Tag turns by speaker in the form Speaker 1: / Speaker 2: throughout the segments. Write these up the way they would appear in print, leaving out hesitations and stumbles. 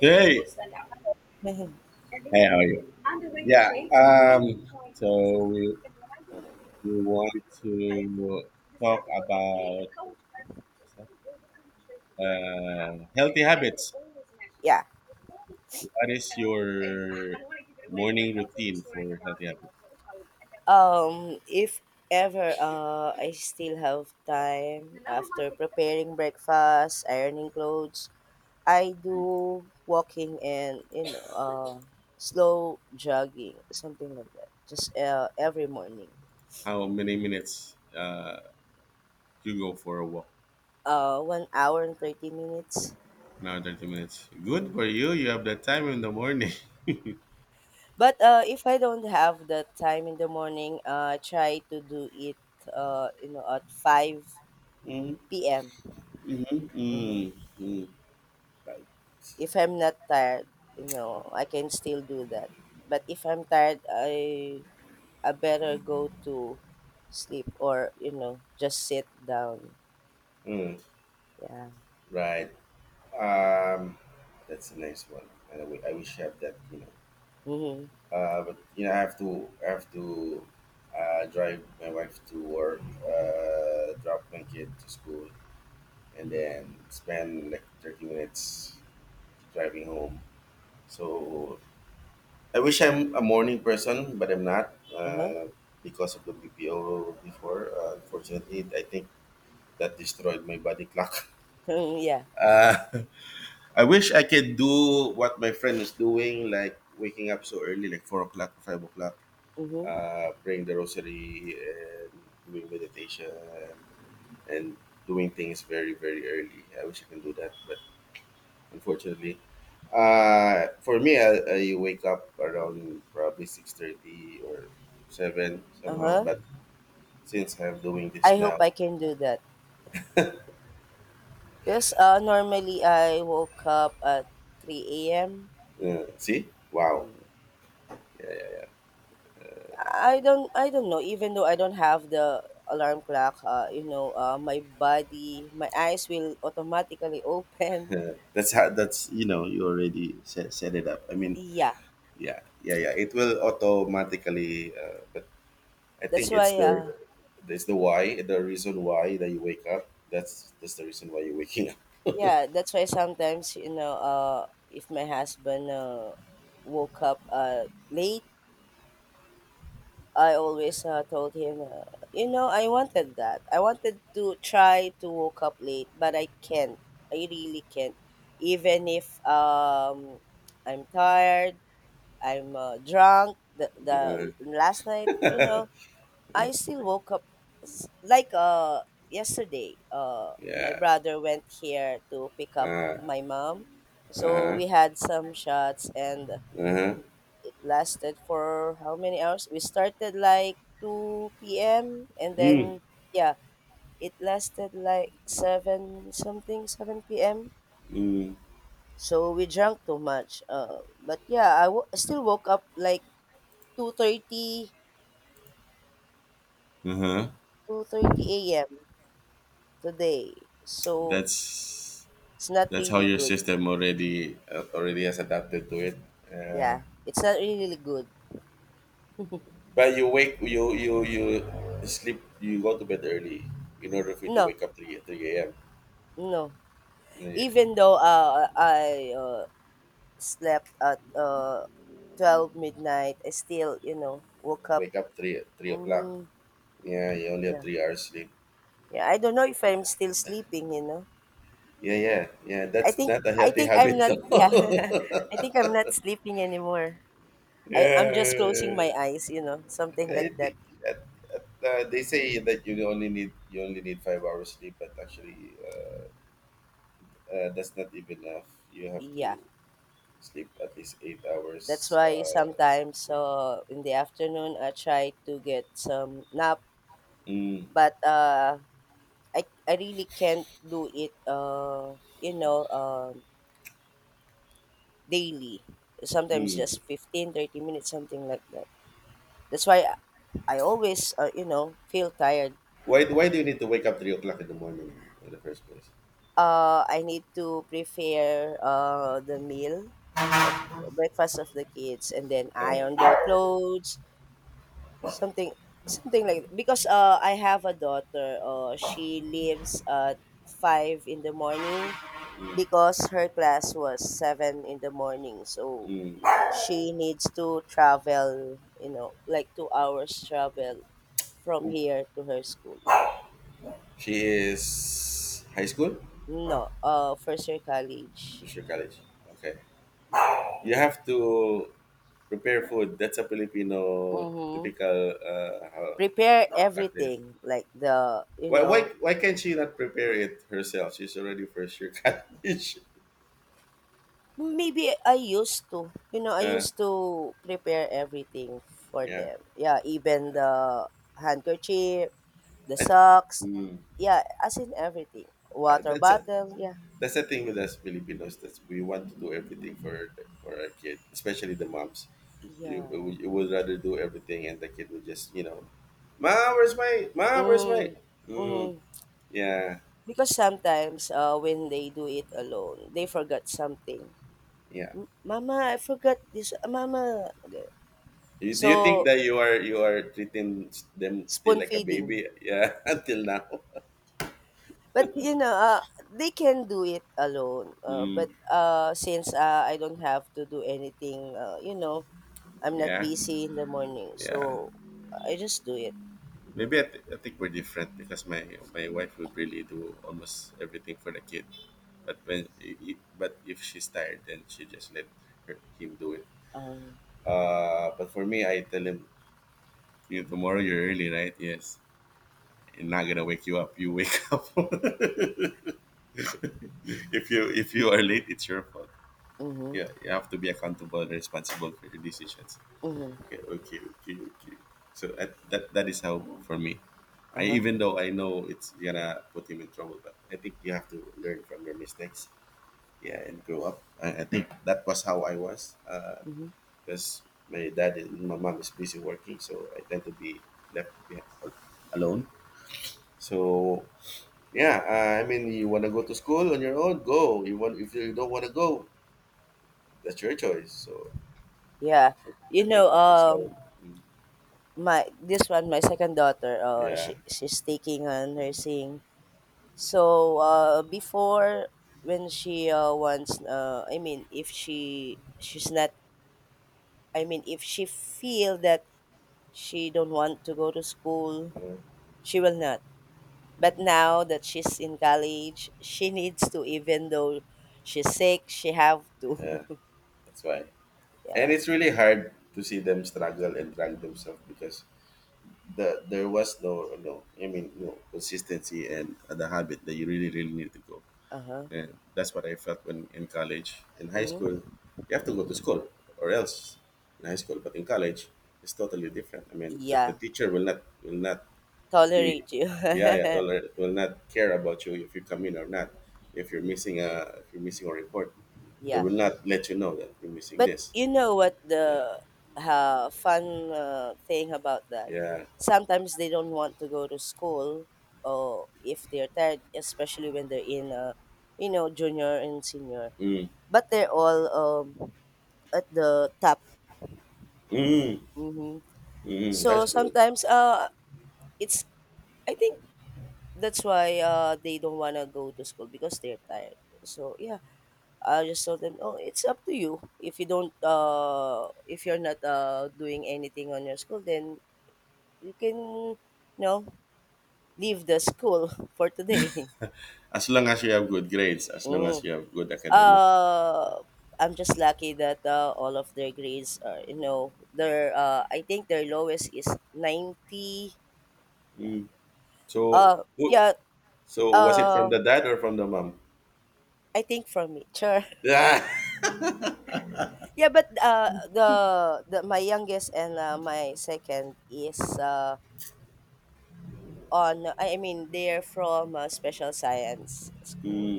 Speaker 1: Hey,
Speaker 2: Mhm.
Speaker 1: hey, how are you? Yeah, um, so we want to talk really about healthy habits.
Speaker 2: Yeah.
Speaker 1: What is your morning routine for healthy habits?
Speaker 2: If ever I still have time after preparing breakfast, ironing clothes, I do walking and slow jogging, something like that. Just every morning,
Speaker 1: How many minutes you go for a walk?
Speaker 2: 1 hour and 30 minutes.
Speaker 1: Now 30 minutes. Good
Speaker 2: Mhm.
Speaker 1: for you. You have that time in the morning.
Speaker 2: But if I don't have the time in the morning, I try to do it. At
Speaker 1: Mm-hmm,
Speaker 2: 5 p.m. Mhm.
Speaker 1: mm-hmm,
Speaker 2: If I'm not tired, I can still do that. But if I'm tired, I better go to sleep or, just sit down.
Speaker 1: mm-hmm.
Speaker 2: Yeah.
Speaker 1: Right. Um, that's a nice one, and I wish I had that.
Speaker 2: Mhm.
Speaker 1: But I have to, drive my wife to work, drop my kid to school, and then spend like 30 minutes driving home. So I wish I'm a morning person, but I'm not
Speaker 2: Uh-huh.
Speaker 1: because of the BPO before. Unfortunately, I think that destroyed my body clock.
Speaker 2: yeah.
Speaker 1: Uh, I wish I could do what my friend is doing, like waking up so early, like 4 o'clock, 5 o'clock,
Speaker 2: Mhm.
Speaker 1: praying the rosary and doing meditation and doing things very, very early. I wish I can do that, but unfortunately, for me, I wake up around probably 6:30 or seven somehow.
Speaker 2: Uh-huh.
Speaker 1: But since I'm doing
Speaker 2: I
Speaker 1: this
Speaker 2: hope
Speaker 1: now,
Speaker 2: I can do that. Because normally I woke up at 3 a.m.
Speaker 1: see, wow.
Speaker 2: I don't know even though I don't have the alarm clock, my eyes will automatically open.
Speaker 1: That's how, that's, you already set it up. I mean,
Speaker 2: Yeah,
Speaker 1: yeah, yeah, yeah. It will automatically. But I
Speaker 2: that's
Speaker 1: think it's
Speaker 2: why
Speaker 1: the it's the the reason why that you wake up. That's the reason why you're waking up.
Speaker 2: yeah, that's why sometimes, if my husband woke up late, I always told him, I wanted that. I wanted to try to wake up late, but I can't. I really can't. Even if, I'm tired, I'm drunk. The,
Speaker 1: Uh,
Speaker 2: the last night, I still woke up like yesterday. My
Speaker 1: yeah.
Speaker 2: brother went here to pick up
Speaker 1: Uh
Speaker 2: my mom, so
Speaker 1: huh.
Speaker 2: we had some shots, and
Speaker 1: Uh huh.
Speaker 2: it lasted for how many hours? We started like 2 p.m., and then,
Speaker 1: Mm,
Speaker 2: yeah, it lasted like seven something, 7 p.m.
Speaker 1: mm,
Speaker 2: So we drank too much. But yeah, I still woke up like 2:30,
Speaker 1: uh huh.
Speaker 2: 2:30 a.m. today. So
Speaker 1: That's
Speaker 2: it's not
Speaker 1: that's how
Speaker 2: really
Speaker 1: your
Speaker 2: good.
Speaker 1: system already, already has adapted to it. Uh,
Speaker 2: Yeah, it's not really good.
Speaker 1: but you wake you you you sleep you go to bed early in order for you to
Speaker 2: No,
Speaker 1: wake up three a.m.
Speaker 2: no.
Speaker 1: Uh,
Speaker 2: Even though I slept at 12 midnight, I still, woke up.
Speaker 1: Wake up three o'clock.
Speaker 2: Mm,
Speaker 1: Yeah, you only have
Speaker 2: yeah,
Speaker 1: 3 hours sleep.
Speaker 2: yeah. I don't know if I'm
Speaker 1: Yeah,
Speaker 2: still sleeping.
Speaker 1: yeah, yeah.
Speaker 2: I
Speaker 1: That's
Speaker 2: think
Speaker 1: not a
Speaker 2: I
Speaker 1: healthy
Speaker 2: think I'm
Speaker 1: habit.
Speaker 2: not. Yeah,
Speaker 1: though.
Speaker 2: I think I'm not sleeping anymore. I'm just closing my
Speaker 1: Yeah,
Speaker 2: eyes, something
Speaker 1: I
Speaker 2: like that.
Speaker 1: think that, they say that you only need 5 hours sleep, but actually, that's not even enough. You have
Speaker 2: Yeah,
Speaker 1: to sleep at least eight
Speaker 2: that's
Speaker 1: hours.
Speaker 2: why sometimes, in the afternoon, I try to get some nap,
Speaker 1: Mm,
Speaker 2: but I really can't do it. Daily. Sometimes
Speaker 1: mm.
Speaker 2: just 15, 30 minutes, something like that. That's why I always, feel tired.
Speaker 1: Why do you need to wake up 3 o'clock in the morning in the first place?
Speaker 2: I need to prepare the meal of breakfast of the kids, and then iron their clothes, something something like, because I have a daughter. She leaves at 5 in the morning because her class was 7 in the morning, so
Speaker 1: Mm.
Speaker 2: she needs to travel, like, 2 hours travel from here to her school.
Speaker 1: She is high school.
Speaker 2: No, first year college.
Speaker 1: Is she college? Okay. You have to prepare food. That's a Filipino
Speaker 2: Mm-hmm.
Speaker 1: typical
Speaker 2: Prepare
Speaker 1: practice.
Speaker 2: everything, like, the you
Speaker 1: Why, why
Speaker 2: know
Speaker 1: why can't she not prepare it herself? She's already first year college.
Speaker 2: Maybe i used to you know i
Speaker 1: Uh,
Speaker 2: used to prepare everything for
Speaker 1: yeah,
Speaker 2: them, yeah, even the handkerchief, the
Speaker 1: I,
Speaker 2: socks,
Speaker 1: mm,
Speaker 2: yeah, as in everything,
Speaker 1: I,
Speaker 2: water bottle, yeah,
Speaker 1: that's the thing with us Filipinos, that we want to do everything for our kid, especially the moms.
Speaker 2: yeah.
Speaker 1: You, you would rather do everything, and the kid would just, ma, where's my? Ma, where's my?
Speaker 2: Mm,
Speaker 1: Mm,
Speaker 2: mhm.
Speaker 1: yeah,
Speaker 2: Because sometimes, when they do it alone, they forgot something.
Speaker 1: yeah.
Speaker 2: "M Mama, I forgot this, mama."
Speaker 1: Do you think
Speaker 2: So,
Speaker 1: that you are treating them still
Speaker 2: spoon
Speaker 1: like a
Speaker 2: feeding.
Speaker 1: baby? Yeah, until now.
Speaker 2: But, they can do it alone, but,
Speaker 1: Mm,
Speaker 2: since, I don't have to do anything, I'm not
Speaker 1: yeah,
Speaker 2: busy in the morning,
Speaker 1: yeah.
Speaker 2: so I just do it.
Speaker 1: Maybe I think we're different, because my wife would really do almost everything for the kid, but but if she's tired, then she just let her, him do it.
Speaker 2: Um,
Speaker 1: But for me, I tell him, you, tomorrow you're early, right? Yes, I'm not gonna wake you up. You wake up. If you are late, it's your fault.
Speaker 2: mhm,
Speaker 1: Yeah, you have to be accountable and responsible for your decisions.
Speaker 2: mhm,
Speaker 1: Okay, okay, okay, okay. So that is how, for me,
Speaker 2: uh-huh,
Speaker 1: even though I know it's gonna put him in trouble, but I think you have to learn from your mistakes, yeah, and grow up. I think that was how I was.
Speaker 2: mhm.
Speaker 1: Because my dad and my mom is busy working, so I tend to be left behind, alone. So yeah, I mean, you want to go to school on your own, go. You want If you don't want to go, that's your choice. So,
Speaker 2: Yeah,
Speaker 1: so I
Speaker 2: you
Speaker 1: think
Speaker 2: know,
Speaker 1: that was how.
Speaker 2: um
Speaker 1: Mm,
Speaker 2: my this one my second daughter,
Speaker 1: yeah,
Speaker 2: she's taking, nursing. So, before, when she wants, I mean, if she's not, I mean, if she feel that she don't want to go to school,
Speaker 1: mm,
Speaker 2: she will not. But now that she's in college, she needs to, even though she's sick, she have to.
Speaker 1: yeah, that's why.
Speaker 2: Yeah.
Speaker 1: And it's really hard to see them struggle and drag themselves, because there was I mean no consistency and the habit that you really, really need to go.
Speaker 2: Uh-huh.
Speaker 1: And that's what I felt when in college, in high school,
Speaker 2: Hmm.
Speaker 1: you have to go to school, or else, in high school. But in college, it's totally different. I mean, the
Speaker 2: Yeah.
Speaker 1: teacher will not, the
Speaker 2: Tolerate you.
Speaker 1: yeah, yeah, will not care about you if you come in or not. If you're missing a report, they
Speaker 2: Yeah.
Speaker 1: will not let you know that you're missing
Speaker 2: But
Speaker 1: this.
Speaker 2: you know what,
Speaker 1: Yeah,
Speaker 2: the fun thing about that?
Speaker 1: yeah.
Speaker 2: Sometimes they don't want to go to school, or if they're tired, especially when they're in, junior and senior.
Speaker 1: Mm,
Speaker 2: But they're all, at the top.
Speaker 1: mm,
Speaker 2: Hmm.
Speaker 1: mm. That's
Speaker 2: So
Speaker 1: good.
Speaker 2: sometimes, it's I think that's why they don't wanna go to school, because they're tired. So yeah, I just told them, "Oh, it's up to you. If you're not doing anything on your school, then you can, know, leave the school for today."
Speaker 1: As long as you have good grades, as long as
Speaker 2: Mm.
Speaker 1: you have good academic.
Speaker 2: Uh, I'm just lucky that all of their grades are, you know, their. I think their lowest is 90. Yeah.
Speaker 1: Mm. so
Speaker 2: Uh,
Speaker 1: who,
Speaker 2: yeah.
Speaker 1: so was it from
Speaker 2: Uh,
Speaker 1: the dad or from the mom?
Speaker 2: I think from me, sure.
Speaker 1: Yeah.
Speaker 2: Yeah, but the my youngest and my second is, on I mean, they're from a special science school.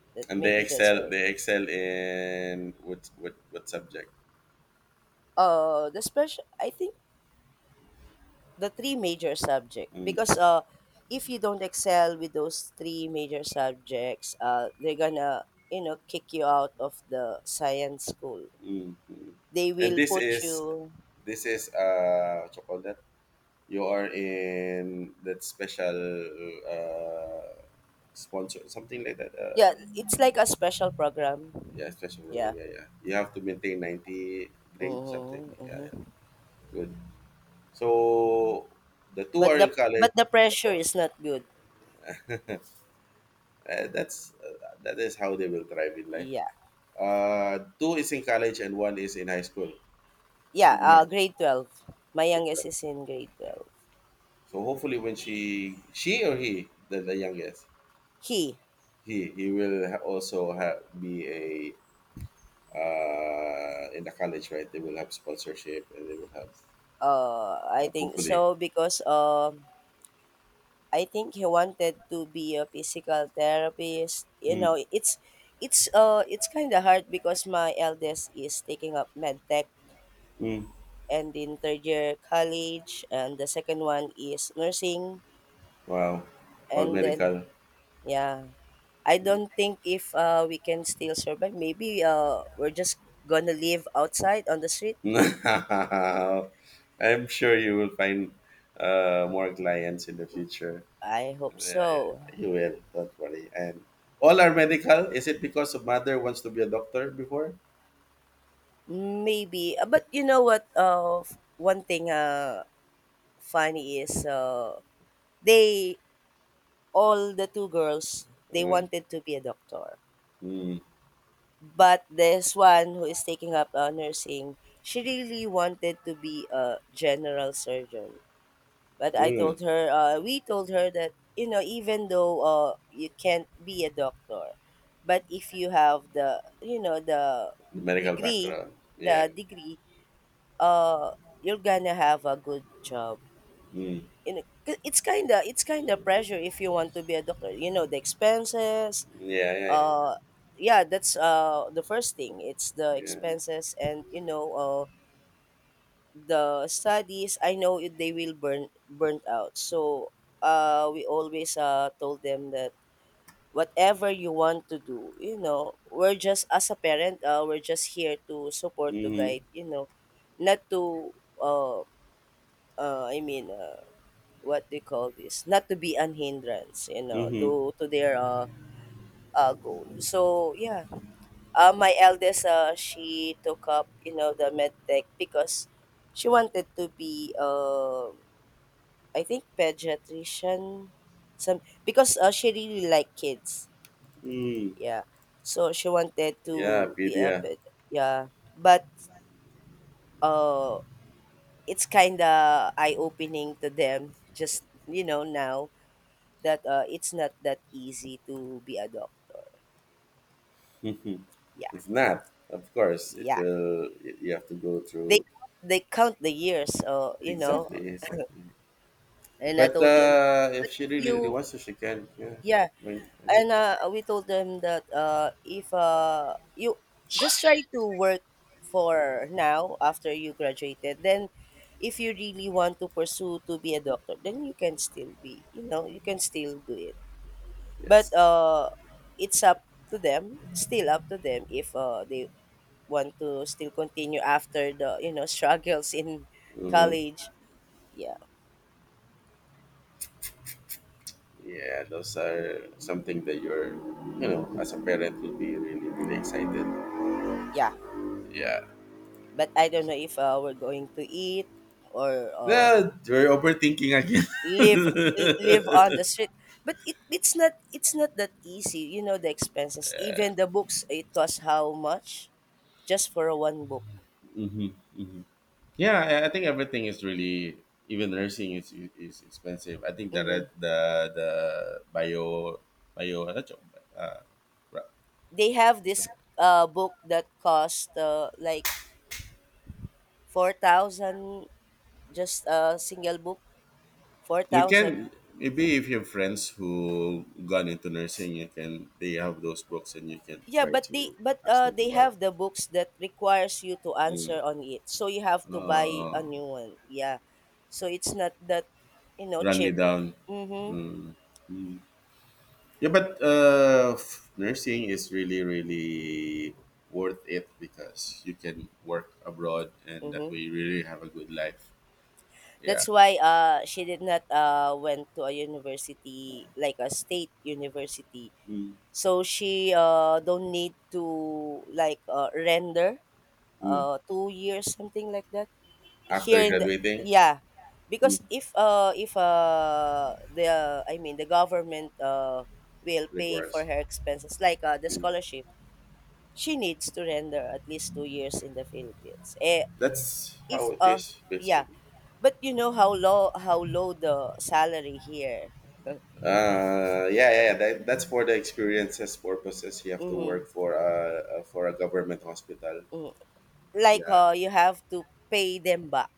Speaker 2: That,
Speaker 1: And they
Speaker 2: maybe that's
Speaker 1: excel
Speaker 2: why.
Speaker 1: they excel in what subject?
Speaker 2: The special, I think, the three major subject,
Speaker 1: Mm,
Speaker 2: because if you don't excel with those three major subjects, they're gonna, kick you out of the science school.
Speaker 1: mm, mm.
Speaker 2: They
Speaker 1: And
Speaker 2: will
Speaker 1: this
Speaker 2: put
Speaker 1: is,
Speaker 2: you—
Speaker 1: what you call that. You are in that special, uh, sponsor, something like that.
Speaker 2: Yeah, it's like a special program.
Speaker 1: Yeah, special program.
Speaker 2: Yeah.
Speaker 1: Yeah, yeah. You have to maintain 90 grade, something.
Speaker 2: Mm-hmm,
Speaker 1: Yeah, yeah.
Speaker 2: mm-hmm.
Speaker 1: Good. So the two
Speaker 2: But
Speaker 1: are in
Speaker 2: the
Speaker 1: college.
Speaker 2: but the pressure is not good.
Speaker 1: That is how they will thrive in life.
Speaker 2: Yeah.
Speaker 1: Two is in college and one is in high school.
Speaker 2: Yeah,
Speaker 1: Senior
Speaker 2: grade 12. My
Speaker 1: high school.
Speaker 2: youngest is in grade
Speaker 1: Okay.
Speaker 2: 12.
Speaker 1: So hopefully, when she or he, the youngest,
Speaker 2: He,
Speaker 1: he will also have be a, in the college, right? They will have sponsorship and they will have,
Speaker 2: I
Speaker 1: yeah,
Speaker 2: think
Speaker 1: hopefully.
Speaker 2: so, because, I think he wanted to be a physical therapist. You
Speaker 1: Mm,
Speaker 2: know, it's kind of hard because my eldest is taking up med tech,
Speaker 1: mm.
Speaker 2: and in third year college, and the second one is nursing,
Speaker 1: Wow. All
Speaker 2: and then
Speaker 1: medical.
Speaker 2: yeah, I don't think if we can still survive. Maybe we're just gonna live outside on the street.
Speaker 1: Now, I'm sure you will find more clients in the future.
Speaker 2: I hope
Speaker 1: Yeah, yeah,
Speaker 2: so.
Speaker 1: you will. Don't worry. And all are medical. Is it because of mother wants to be a doctor before?
Speaker 2: Maybe, but you know what? One thing funny is, they all the two girls they
Speaker 1: Mm,
Speaker 2: wanted to be a doctor,
Speaker 1: mm,
Speaker 2: but this one, who is taking up nursing, she really wanted to be a general surgeon. But I
Speaker 1: mm.
Speaker 2: told her, We told her that, even though, you can't be a doctor, but if you have the,
Speaker 1: Medical
Speaker 2: degree,
Speaker 1: background. Yeah.
Speaker 2: the degree, uh you're gonna have a good job,
Speaker 1: Mm.
Speaker 2: 'cause it's kind of pressure. If you want to be a doctor, the expenses,
Speaker 1: Yeah, yeah, yeah, yeah.
Speaker 2: uh yeah, that's the first thing, it's the
Speaker 1: Yeah.
Speaker 2: expenses. And the studies, I know, they will burnt out. So we always told them that whatever you want to do, we're just, as a parent, we're just here to support, to
Speaker 1: Mm-hmm. Mm-hmm.
Speaker 2: guide. Not to, uh I mean, what do you call this? Not to be an hindrance,
Speaker 1: Mm hmm, mm
Speaker 2: to their, goal. So yeah, my eldest, she took up, the med tech, because she wanted to be, I think, pediatrician, some, because she really liked kids.
Speaker 1: hmm.
Speaker 2: Yeah, so she wanted
Speaker 1: Yeah,
Speaker 2: to be a
Speaker 1: Pedia.
Speaker 2: ped. Yeah, but uh, it's kind of eye opening to them, just, now that, it's not that easy to be a doctor. Yeah,
Speaker 1: It's not. Of course, it
Speaker 2: yeah.
Speaker 1: will. You have to go
Speaker 2: They
Speaker 1: through.
Speaker 2: they count the years,
Speaker 1: Exactly, exactly.
Speaker 2: and I
Speaker 1: But
Speaker 2: told them,
Speaker 1: if
Speaker 2: "But
Speaker 1: she
Speaker 2: if
Speaker 1: really, really
Speaker 2: you—"
Speaker 1: wants to, she can. Yeah.
Speaker 2: Yeah,
Speaker 1: Right. Yeah.
Speaker 2: and, we told them that, If, you just try to work for now after you graduated, then, if you really want to pursue to be a doctor, then you can still be, you can still do it." But,
Speaker 1: Yes.
Speaker 2: it's up to them, still up to them, if, they want to still continue after the, struggles in
Speaker 1: Mm-hmm.
Speaker 2: college, yeah.
Speaker 1: Yeah, those are something that you're,
Speaker 2: Mm,
Speaker 1: as a parent, will be really, really excited.
Speaker 2: yeah.
Speaker 1: Yeah.
Speaker 2: But I don't know if we're going to eat, or
Speaker 1: No, you're overthinking again.
Speaker 2: live, live on the street. But it's not that easy. The expenses, even the books, it costs how much just for one book?
Speaker 1: Mm-hmm. Yeah, I think everything is really, even nursing is expensive. I think the
Speaker 2: Mm-hmm.
Speaker 1: red, the the bio bio ano to? uh, ra-
Speaker 2: They have this,
Speaker 1: basta-
Speaker 2: book that cost, like, 4,000, just a single book,
Speaker 1: you
Speaker 2: 4,000.
Speaker 1: can, maybe if you have friends who gone into nursing, you can they have those books and you can
Speaker 2: Yeah,
Speaker 1: try
Speaker 2: but
Speaker 1: to ask them to
Speaker 2: they
Speaker 1: borrow.
Speaker 2: have the books that requires you to
Speaker 1: Mm.
Speaker 2: answer on it. So you have to buy
Speaker 1: Uh,
Speaker 2: a new one. Yeah. So it's not that,
Speaker 1: Run me
Speaker 2: cheap.
Speaker 1: down.
Speaker 2: Mhm.
Speaker 1: Mm. Mm. Yeah, but nursing is really, really worth it, because you can work abroad and that way
Speaker 2: Mhm.
Speaker 1: you really have a good life. Yeah.
Speaker 2: That's why she did not went to a university like a state university.
Speaker 1: Mm,
Speaker 2: So she don't need to, like, render
Speaker 1: mm.
Speaker 2: 2 years, something like that.
Speaker 1: After
Speaker 2: Here in the—
Speaker 1: graduating,
Speaker 2: Yeah,
Speaker 1: mm,
Speaker 2: because if the, I mean, the government will pay for
Speaker 1: requires.
Speaker 2: her expenses, like, the
Speaker 1: Mm.
Speaker 2: scholarship. She needs to render at least 2 years in the Philippines, eh,
Speaker 1: That's how
Speaker 2: if
Speaker 1: it is,
Speaker 2: yeah.
Speaker 1: basically.
Speaker 2: But you know how low, the salary here.
Speaker 1: Yeah, yeah, yeah, that's for the experiences purposes. You have to
Speaker 2: Mm-hmm,
Speaker 1: work for a government hospital.
Speaker 2: mm-hmm. Like,
Speaker 1: Yeah.
Speaker 2: you have to pay them back,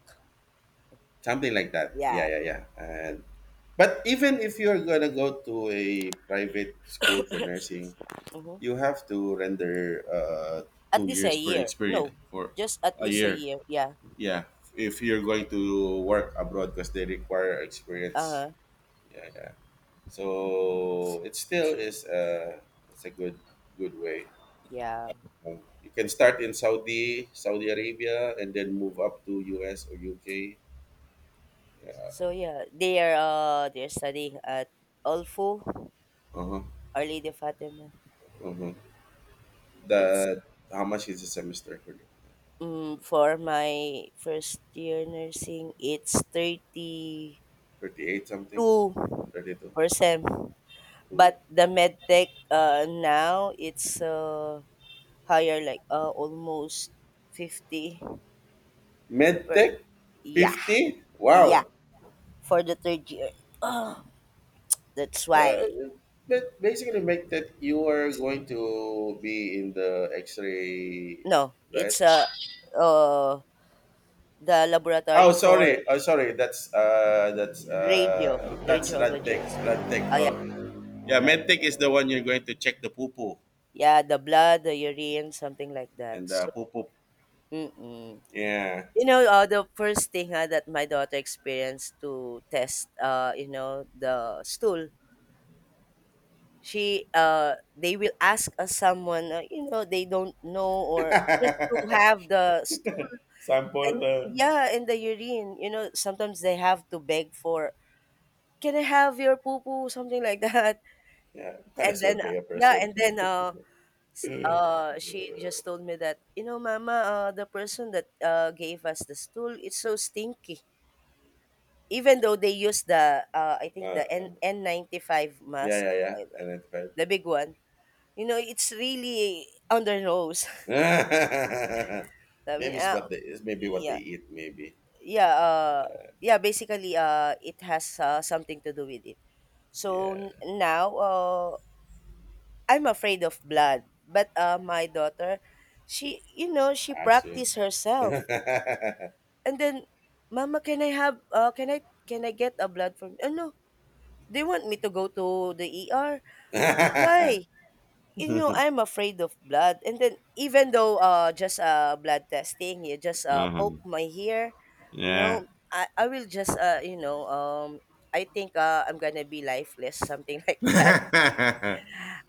Speaker 1: Something like that. Yeah,
Speaker 2: yeah.
Speaker 1: yeah, yeah. And but even if you're gonna go to a private school for
Speaker 2: Excuse
Speaker 1: nursing,
Speaker 2: me. Mhm.
Speaker 1: you have to render
Speaker 2: At
Speaker 1: two
Speaker 2: least a
Speaker 1: years for
Speaker 2: year.
Speaker 1: experience,
Speaker 2: No,
Speaker 1: for
Speaker 2: just at
Speaker 1: a
Speaker 2: least a
Speaker 1: year.
Speaker 2: year, yeah.
Speaker 1: Yeah, if you're going to work abroad, because they require experience.
Speaker 2: Uh-huh.
Speaker 1: Yeah, yeah. So it still is a, it's a good way.
Speaker 2: Yeah.
Speaker 1: You can start in Saudi, Saudi Arabia, and then move up to US or UK.
Speaker 2: So yeah, they're studying at Olfu,
Speaker 1: Uh huh.
Speaker 2: Our Lady of Fatima.
Speaker 1: Uh huh.
Speaker 2: It's,
Speaker 1: that How much is a semester for you?
Speaker 2: for my first year nursing, it's thirty
Speaker 1: 38 something.
Speaker 2: two
Speaker 1: 32.
Speaker 2: percent.
Speaker 1: Ooh.
Speaker 2: But the med tech, now it's higher, like, almost 50 per—
Speaker 1: Medtech.
Speaker 2: Yeah,
Speaker 1: 50,
Speaker 2: yeah.
Speaker 1: wow.
Speaker 2: For the third year. That's why.
Speaker 1: uh, but basically make that you are going to be in the x-ray,
Speaker 2: No,
Speaker 1: right?
Speaker 2: it's, uh the
Speaker 1: Oh
Speaker 2: laboratory for
Speaker 1: sorry, oh sorry,
Speaker 2: radio
Speaker 1: that's radtech.
Speaker 2: radiologists. Oh yeah,
Speaker 1: Oh, yeah.
Speaker 2: right.
Speaker 1: Medtech is the one you're going to check the poo poo.
Speaker 2: Yeah, the blood, the urine, something like
Speaker 1: And
Speaker 2: that.
Speaker 1: the
Speaker 2: So,
Speaker 1: poo poo.
Speaker 2: mm-mm.
Speaker 1: Yeah.
Speaker 2: The first thing that my daughter experienced to test, the stool. They will ask someone, they don't know or just to have the stool
Speaker 1: Sample,
Speaker 2: and, yeah, and the urine. Sometimes they have to beg for, "Can I have your poo poo," something like that,
Speaker 1: yeah, might
Speaker 2: and
Speaker 1: as well
Speaker 2: then,
Speaker 1: pay a
Speaker 2: yeah,
Speaker 1: person.
Speaker 2: and then she just told me that, mama, the person that gave us the stool, it's so stinky, even though they use the, I
Speaker 1: Uh,
Speaker 2: think, the
Speaker 1: uh,
Speaker 2: N95 mask,
Speaker 1: yeah, yeah, yeah.
Speaker 2: like
Speaker 1: Identified.
Speaker 2: the big one, you know, it's really on their nose. Sabi
Speaker 1: Maybe it's
Speaker 2: niya, "Ah,
Speaker 1: what they it's maybe what they
Speaker 2: yeah,
Speaker 1: eat. Maybe.
Speaker 2: yeah, yeah, basically it has, something to do with it. So
Speaker 1: Yeah.
Speaker 2: now I'm afraid of blood, but my daughter, she you know she
Speaker 1: Ask you.
Speaker 2: practiced herself. And then, 'Mama, can I have, can I get a blood from—' 'Oh, no. They want me to go to the ER.' 'Why?' 'You know, I'm afraid of blood.' And then, even though, just, blood testing, you just, poke
Speaker 1: Uh-huh.
Speaker 2: my hair, you
Speaker 1: Yeah.
Speaker 2: know, I will just, I think, I'm gonna be lifeless, something like that.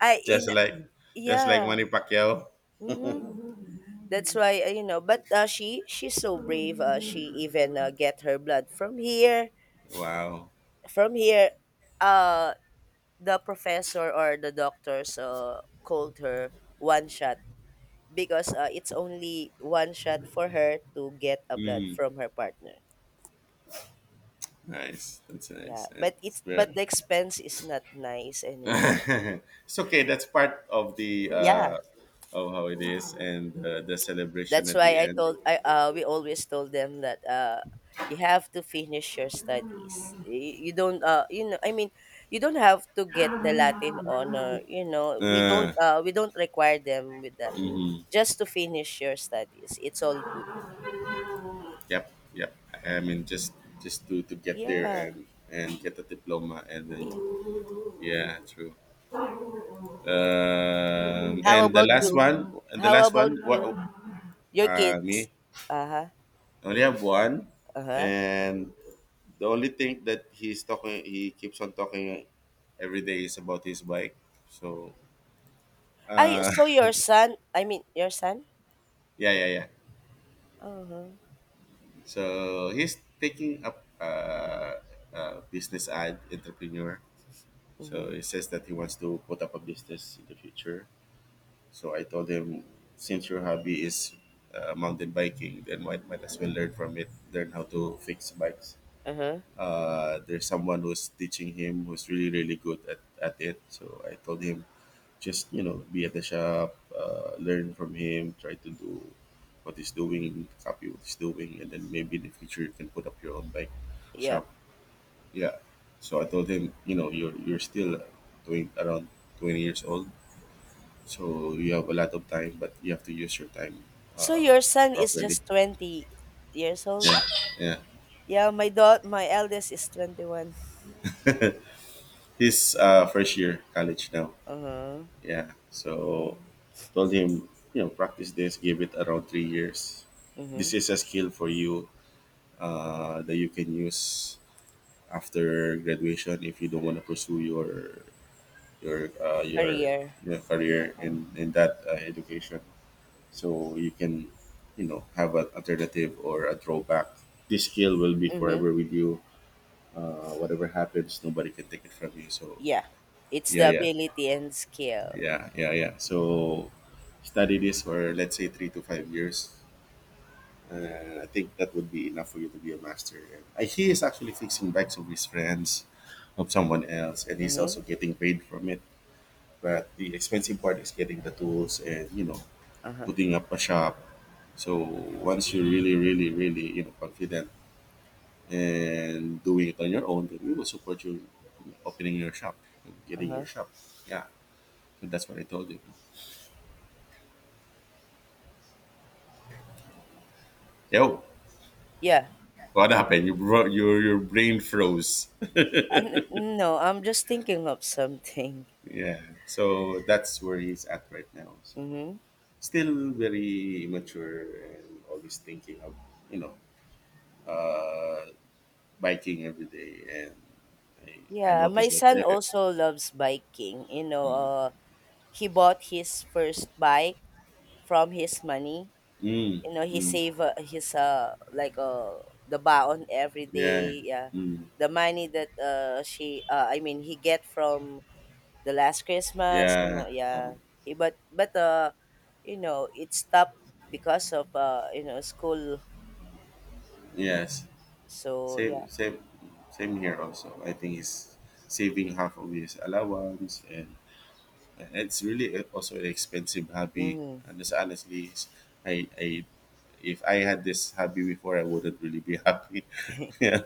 Speaker 2: I in
Speaker 1: just like just like
Speaker 2: yeah,
Speaker 1: Manny Pacquiao.
Speaker 2: mhm. That's why, but, she's so brave, she even, get her blood
Speaker 1: Wow.
Speaker 2: from here, uh, the professor or the doctors, called her one shot, because it's only one shot for her to get a blood
Speaker 1: Mhm.
Speaker 2: from her partner.
Speaker 1: Nice. That's
Speaker 2: Yeah,
Speaker 1: nice.
Speaker 2: but
Speaker 1: That's
Speaker 2: it's but
Speaker 1: very.
Speaker 2: the expense is not nice anymore.
Speaker 1: It's okay. That's part of the
Speaker 2: Yeah,
Speaker 1: of how it is, and the celebration
Speaker 2: that's
Speaker 1: at the
Speaker 2: why I
Speaker 1: end.
Speaker 2: told I we always told them that, you have to finish your studies. You don't, I mean, you don't have to get the Latin honor. You know we
Speaker 1: Uh,
Speaker 2: don't uh we don't require them with that. Just to finish your studies, it's all good.
Speaker 1: Yep, yep. I
Speaker 2: Yeah.
Speaker 1: mean, just to get there
Speaker 2: Yeah,
Speaker 1: and get a diploma, and then
Speaker 2: yeah.
Speaker 1: yeah, true.
Speaker 2: How
Speaker 1: And
Speaker 2: about you?
Speaker 1: and the
Speaker 2: How
Speaker 1: last
Speaker 2: about
Speaker 1: one. What?
Speaker 2: you? Your kids?
Speaker 1: Me.
Speaker 2: Uh-huh,
Speaker 1: I only have one,
Speaker 2: uh-huh.
Speaker 1: and the only thing that he's talking, he keeps on talking every day, is about his bike. So,
Speaker 2: I
Speaker 1: uh,
Speaker 2: so your son, I mean, your son?
Speaker 1: yeah, yeah, yeah.
Speaker 2: Uh-huh.
Speaker 1: So he's taking up business ad entrepreneur.
Speaker 2: Mm-hmm.
Speaker 1: So he says that he wants to put up a business in the future. So I told him, since your hobby is mountain biking, then might as well learn from it. Learn how to fix bikes.
Speaker 2: Uh-huh.
Speaker 1: There's someone who's teaching him who's really, really good at it. So I told him, just, be at the shop, learn from him, try to do what he's doing, copy what he's doing, and then maybe in the future you can put up your own bike
Speaker 2: Yeah.
Speaker 1: shop. Yeah. So I told him, you know, you're still doing around 20 years old, so you have a lot of time, but you have to use your time
Speaker 2: So
Speaker 1: uh,
Speaker 2: your son is
Speaker 1: properly.
Speaker 2: just 20 years old?
Speaker 1: Yeah, yeah.
Speaker 2: Yeah, my daughter, my eldest is 21.
Speaker 1: He's first year college now.
Speaker 2: Uh-huh.
Speaker 1: Yeah. So told him, you know, practice this. Give it around 3 years. This
Speaker 2: Mm-hmm.
Speaker 1: is a skill for you that you can use after graduation if you don't want to pursue your
Speaker 2: Career.
Speaker 1: you career in that education, so you can, you know, have an alternative or a drawback. This skill will be
Speaker 2: Mm-hmm.
Speaker 1: forever with you, whatever happens, nobody can take it from you. So
Speaker 2: Yeah. It's
Speaker 1: yeah,
Speaker 2: the
Speaker 1: yeah,
Speaker 2: ability and skill.
Speaker 1: yeah, yeah, yeah. So study this for, let's say, 3 to 5 years, and I think that would be enough for you to be a master. And he is actually fixing bikes of his friends, of someone else, and he's
Speaker 2: Mm-hmm.
Speaker 1: also getting paid from it. But the expensive part is getting the tools and, you know,
Speaker 2: Uh-huh.
Speaker 1: putting up a shop. So once you're really, really, really, confident and doing it on your own, then we will support you in opening your shop, and getting your
Speaker 2: Uh-huh.
Speaker 1: shop. Yeah, so that's what I told you. Yo,
Speaker 2: Yeah.
Speaker 1: what happened? Your brain froze.
Speaker 2: No, I'm just thinking of something.
Speaker 1: Yeah, so that's where he's at right now. So
Speaker 2: Hmm.
Speaker 1: still very immature and always thinking of, you know uh, biking every day and. I
Speaker 2: Yeah, my
Speaker 1: noticed that.
Speaker 2: son also loves biking. You know,
Speaker 1: Mm,
Speaker 2: uh, he bought his first bike from his money.
Speaker 1: mm,
Speaker 2: He
Speaker 1: mm.
Speaker 2: save, his, like the baon every day.
Speaker 1: Yeah.
Speaker 2: Yeah,
Speaker 1: Mm.
Speaker 2: the money that she, I mean, he get from the last Christmas. You
Speaker 1: Yeah.
Speaker 2: know, yeah.
Speaker 1: Um,
Speaker 2: He, but it stopped because of school.
Speaker 1: yes.
Speaker 2: So yeah.
Speaker 1: Same. Same. Same here. Also, I think he's saving half of his allowance, and it's really also an expensive hobby.
Speaker 2: Mm-hmm.
Speaker 1: And it's honestly, I, I, if I had this hobby before, I wouldn't really be happy. Yeah,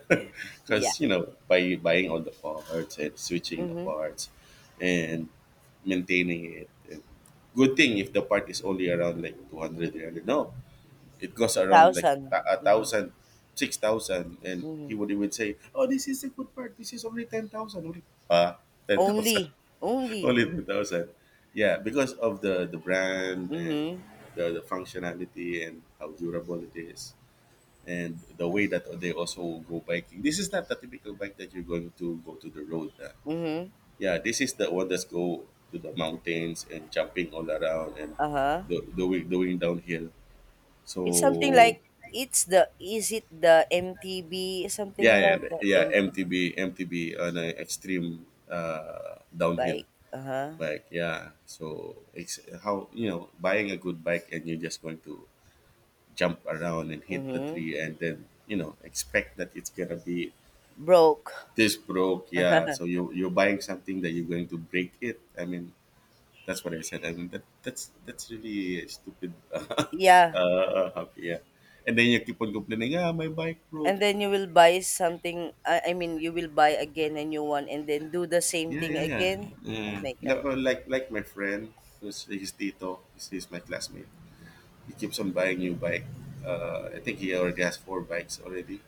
Speaker 2: Yeah.
Speaker 1: because, by buying all the parts and switching the
Speaker 2: Mm-hmm.
Speaker 1: parts, and maintaining it. And good thing if the part is only around like 200. No, it goes around like
Speaker 2: 1,000.
Speaker 1: a
Speaker 2: Mhm,
Speaker 1: thousand, 6,000, and he
Speaker 2: mhm.
Speaker 1: would he would say, "Oh, this is a good part. This is only 10,000, only uh, 10,000,
Speaker 2: Only, only.
Speaker 1: only 10,000." Yeah, because of the brand and
Speaker 2: Mhm,
Speaker 1: the functionality and how durable it is, and the way that they also go biking. This is not the typical bike that you're going to go to the road.
Speaker 2: mhm,
Speaker 1: Yeah, this is the one that's go to the mountains and jumping all around and
Speaker 2: uh-huh.
Speaker 1: doing downhill.
Speaker 2: It's something
Speaker 1: So.
Speaker 2: like it's the is it the MTB? Something
Speaker 1: Yeah, yeah,
Speaker 2: like that,
Speaker 1: yeah.
Speaker 2: MTB
Speaker 1: MTB, MTB on an extreme downhill.
Speaker 2: bike. Uh-huh.
Speaker 1: Like, yeah. So it's how, buying a good bike and you're just going to jump around and hit the
Speaker 2: Mhm.
Speaker 1: tree and then, expect that it's gonna be
Speaker 2: Broke.
Speaker 1: this broke. Yeah. So you're buying something that you're going to break it. I mean, that's what I said. I mean that's really stupid.
Speaker 2: Yeah.
Speaker 1: Yeah. And then you keep on complaining. Ah, my bike broke.
Speaker 2: And then you will buy something, I mean, you will buy again a new one and then do the same
Speaker 1: Yeah,
Speaker 2: thing
Speaker 1: yeah, yeah.
Speaker 2: again. Oh
Speaker 1: Yeah.
Speaker 2: my God.
Speaker 1: Like, like my friend, who's his tito, he's my classmate. He keeps on buying new bike. I think he already has four bikes already.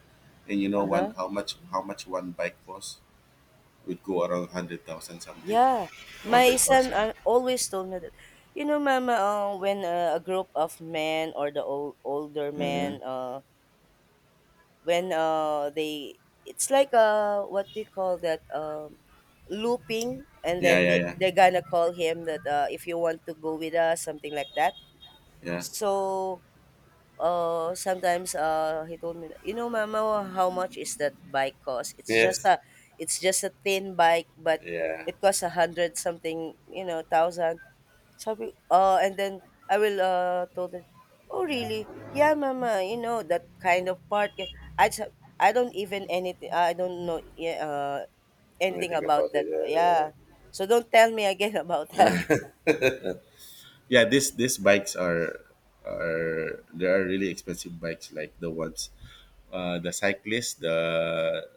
Speaker 1: And you know one
Speaker 2: Uh-huh.
Speaker 1: how much one bike costs? Would go around 100,000 something,
Speaker 2: Yeah,
Speaker 1: one
Speaker 2: my
Speaker 1: hundred
Speaker 2: son,
Speaker 1: thousand.
Speaker 2: always told me that, Mama, when, a group of men or the old, older
Speaker 1: Uh,
Speaker 2: men, when they, it's like, what do you call that, looping, and
Speaker 1: yeah,
Speaker 2: then
Speaker 1: yeah, yeah,
Speaker 2: they're gonna call him that, if you want to go with us, something like that.
Speaker 1: yeah.
Speaker 2: So sometimes he told me that, mama, how much is that bike cost? It's just
Speaker 1: Yes.
Speaker 2: a, it's just a thin bike, but
Speaker 1: Yeah.
Speaker 2: it costs a hundred something, thousand, sabi, and then I will, told him, "Oh really, yeah mama, you know that kind of part, yeah." i just, I don't even anything, I don't know. Yeah,
Speaker 1: Now I
Speaker 2: anything
Speaker 1: think about
Speaker 2: about
Speaker 1: it.
Speaker 2: that.
Speaker 1: Uh, uh,
Speaker 2: Yeah. So don't tell me again about that.
Speaker 1: yeah, this these bikes are really expensive bikes like the ones, the cyclists, the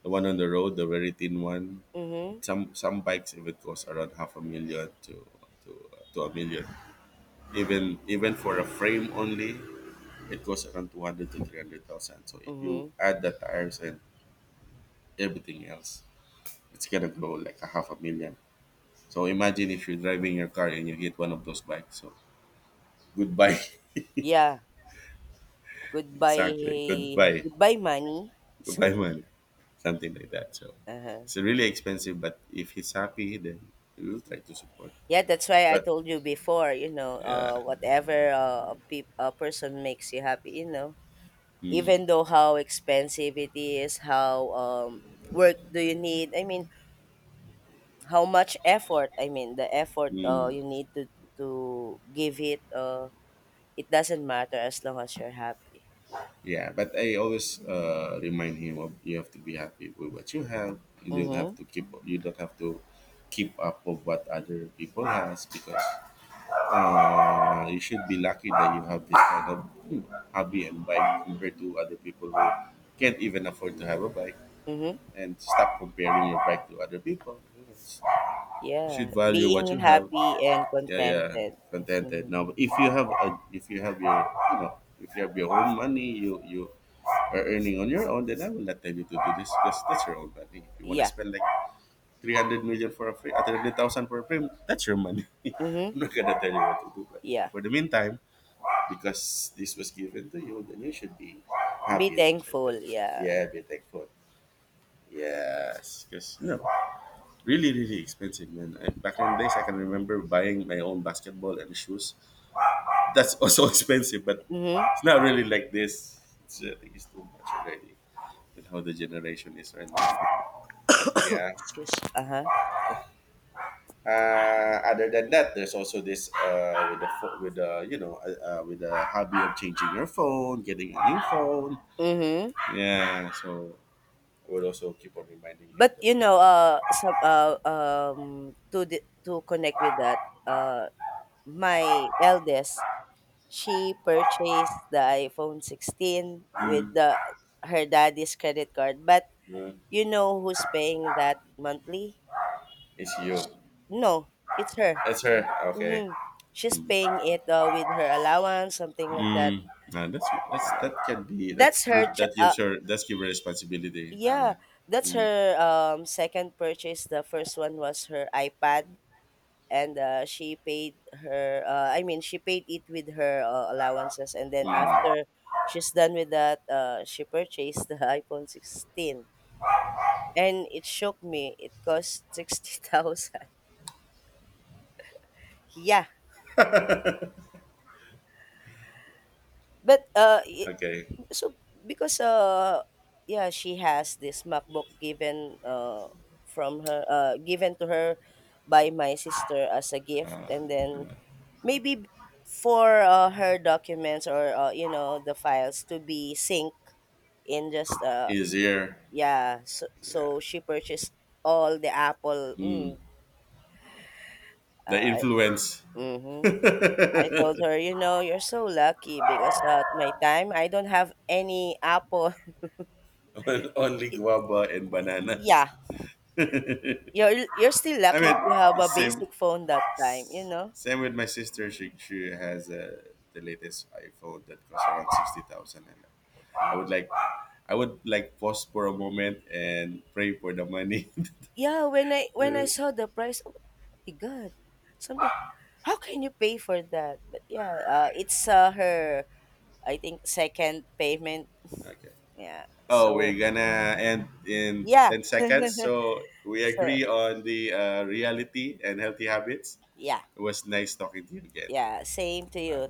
Speaker 1: The one on the road, the very thin one.
Speaker 2: Mm-hmm.
Speaker 1: Some bikes even cost around half a million to to a million. Even for a frame only, it costs around 200 to 300,000. So if you
Speaker 2: Mm-hmm.
Speaker 1: add the tires and everything else, it's gonna go like a half a million. So imagine if you're driving your car and you hit one of those bikes. So goodbye,
Speaker 2: Yeah.
Speaker 1: exactly.
Speaker 2: Goodbye,
Speaker 1: Goodbye,
Speaker 2: goodbye, money.
Speaker 1: goodbye,
Speaker 2: Some
Speaker 1: money. Something like that. So
Speaker 2: Uh-huh.
Speaker 1: it's really expensive, but if he's happy, then we will try to support.
Speaker 2: Yeah, that's why I
Speaker 1: But
Speaker 2: told you before,
Speaker 1: yeah,
Speaker 2: whatever, a person makes you happy.
Speaker 1: mm,
Speaker 2: Even though how expensive it is, how, work do you need? I mean, how much effort? I mean, the effort,
Speaker 1: mm.
Speaker 2: you need to, give it, it doesn't matter as long as you're happy.
Speaker 1: Yeah, but I always, remind him of you have to be happy with what you have. You don't have
Speaker 2: Mhm.
Speaker 1: to keep. You don't have to keep up of what other people has, because, you should be lucky that you have this kind of, hmm, hobby and bike compared to other people who can't even afford to have a bike
Speaker 2: Mhm.
Speaker 1: and stop comparing your bike to other people. You should
Speaker 2: Yeah,
Speaker 1: value what
Speaker 2: being
Speaker 1: you have,
Speaker 2: happy and
Speaker 1: yeah, yeah,
Speaker 2: contented.
Speaker 1: contented.
Speaker 2: Mhm.
Speaker 1: Now if you have a, if you have your you know if you have your own money, you are earning on your own, then I will not tell you to do this, because that's your own money. If you want to
Speaker 2: Yeah.
Speaker 1: spend like 300 million for a frame, 300,000 for a frame, that's your money. I'm
Speaker 2: Mhm.
Speaker 1: not gonna tell you what to do. But
Speaker 2: Yeah.
Speaker 1: for the meantime, because this was given to you, then you should be
Speaker 2: Be
Speaker 1: happy and
Speaker 2: thankful,
Speaker 1: contented.
Speaker 2: yeah.
Speaker 1: Yeah, be thankful. Yes, because, really, really expensive, man. Back in the days, I can remember buying my own basketball and shoes. That's also expensive, but
Speaker 2: Mhm.
Speaker 1: it's not really like this. I think it's too much already with how the generation is right now. Yeah.
Speaker 2: Excuse, uh-huh.
Speaker 1: Other than that, there's also this with the hobby of changing your phone, getting a new phone.
Speaker 2: Mhm.
Speaker 1: Yeah. So I would also keep on reminding
Speaker 2: But,
Speaker 1: him that,
Speaker 2: to connect with that, uh, my eldest, she purchased the iPhone 16 with
Speaker 1: mm,
Speaker 2: the her daddy's credit card. But
Speaker 1: uh,
Speaker 2: you know who's paying that monthly?
Speaker 1: it's you,
Speaker 2: No, it's her.
Speaker 1: it's her. Okay.
Speaker 2: Mhm. She's
Speaker 1: Mm.
Speaker 2: paying it, with her allowance, something like that.
Speaker 1: Mm. Nah, that's that can be,
Speaker 2: That's her.
Speaker 1: that gives her, that's give her responsibility. Yeah.
Speaker 2: Yeah, that's
Speaker 1: Mm.
Speaker 2: her, second purchase. The first one was her iPad, and, she paid her, I mean, she paid it with her, allowances, and then after
Speaker 1: Mm,
Speaker 2: she's done with that, she purchased the iPhone 16, and it shook me. It cost 60,000. Yeah. But
Speaker 1: okay.
Speaker 2: so, because, yeah, she has this MacBook given, from her given to her by my sister as a gift. And then maybe for, her documents or, the files to be synced in, just,
Speaker 1: Is here.
Speaker 2: yeah. so,
Speaker 1: Yeah.
Speaker 2: so she purchased all the apple, mm,
Speaker 1: The
Speaker 2: uh,
Speaker 1: influence
Speaker 2: mm-hmm. I told her, you're so lucky because, at my time I don't have any apple.
Speaker 1: on, only
Speaker 2: Y-
Speaker 1: guava and bananas.
Speaker 2: yeah,
Speaker 1: I
Speaker 2: you're still lucky
Speaker 1: mean,
Speaker 2: if you have a
Speaker 1: same
Speaker 2: basic phone that time, you know.
Speaker 1: same with my sister. She has the latest iPhone that costs around 60,000, and
Speaker 2: Yeah.
Speaker 1: I would like I would like pause for a moment and pray for the money.
Speaker 2: Yeah, when I
Speaker 1: Okay.
Speaker 2: saw the price, oh my god, something. How can you pay for that? But yeah, it's, her. I think second payment. Yeah.
Speaker 1: Oh,
Speaker 2: So
Speaker 1: we're gonna end in
Speaker 2: yeah.
Speaker 1: 10 seconds. So we
Speaker 2: So
Speaker 1: agree on the reality and healthy habits.
Speaker 2: yeah,
Speaker 1: It was nice talking to you again.
Speaker 2: yeah. Same to
Speaker 1: Bye.
Speaker 2: you.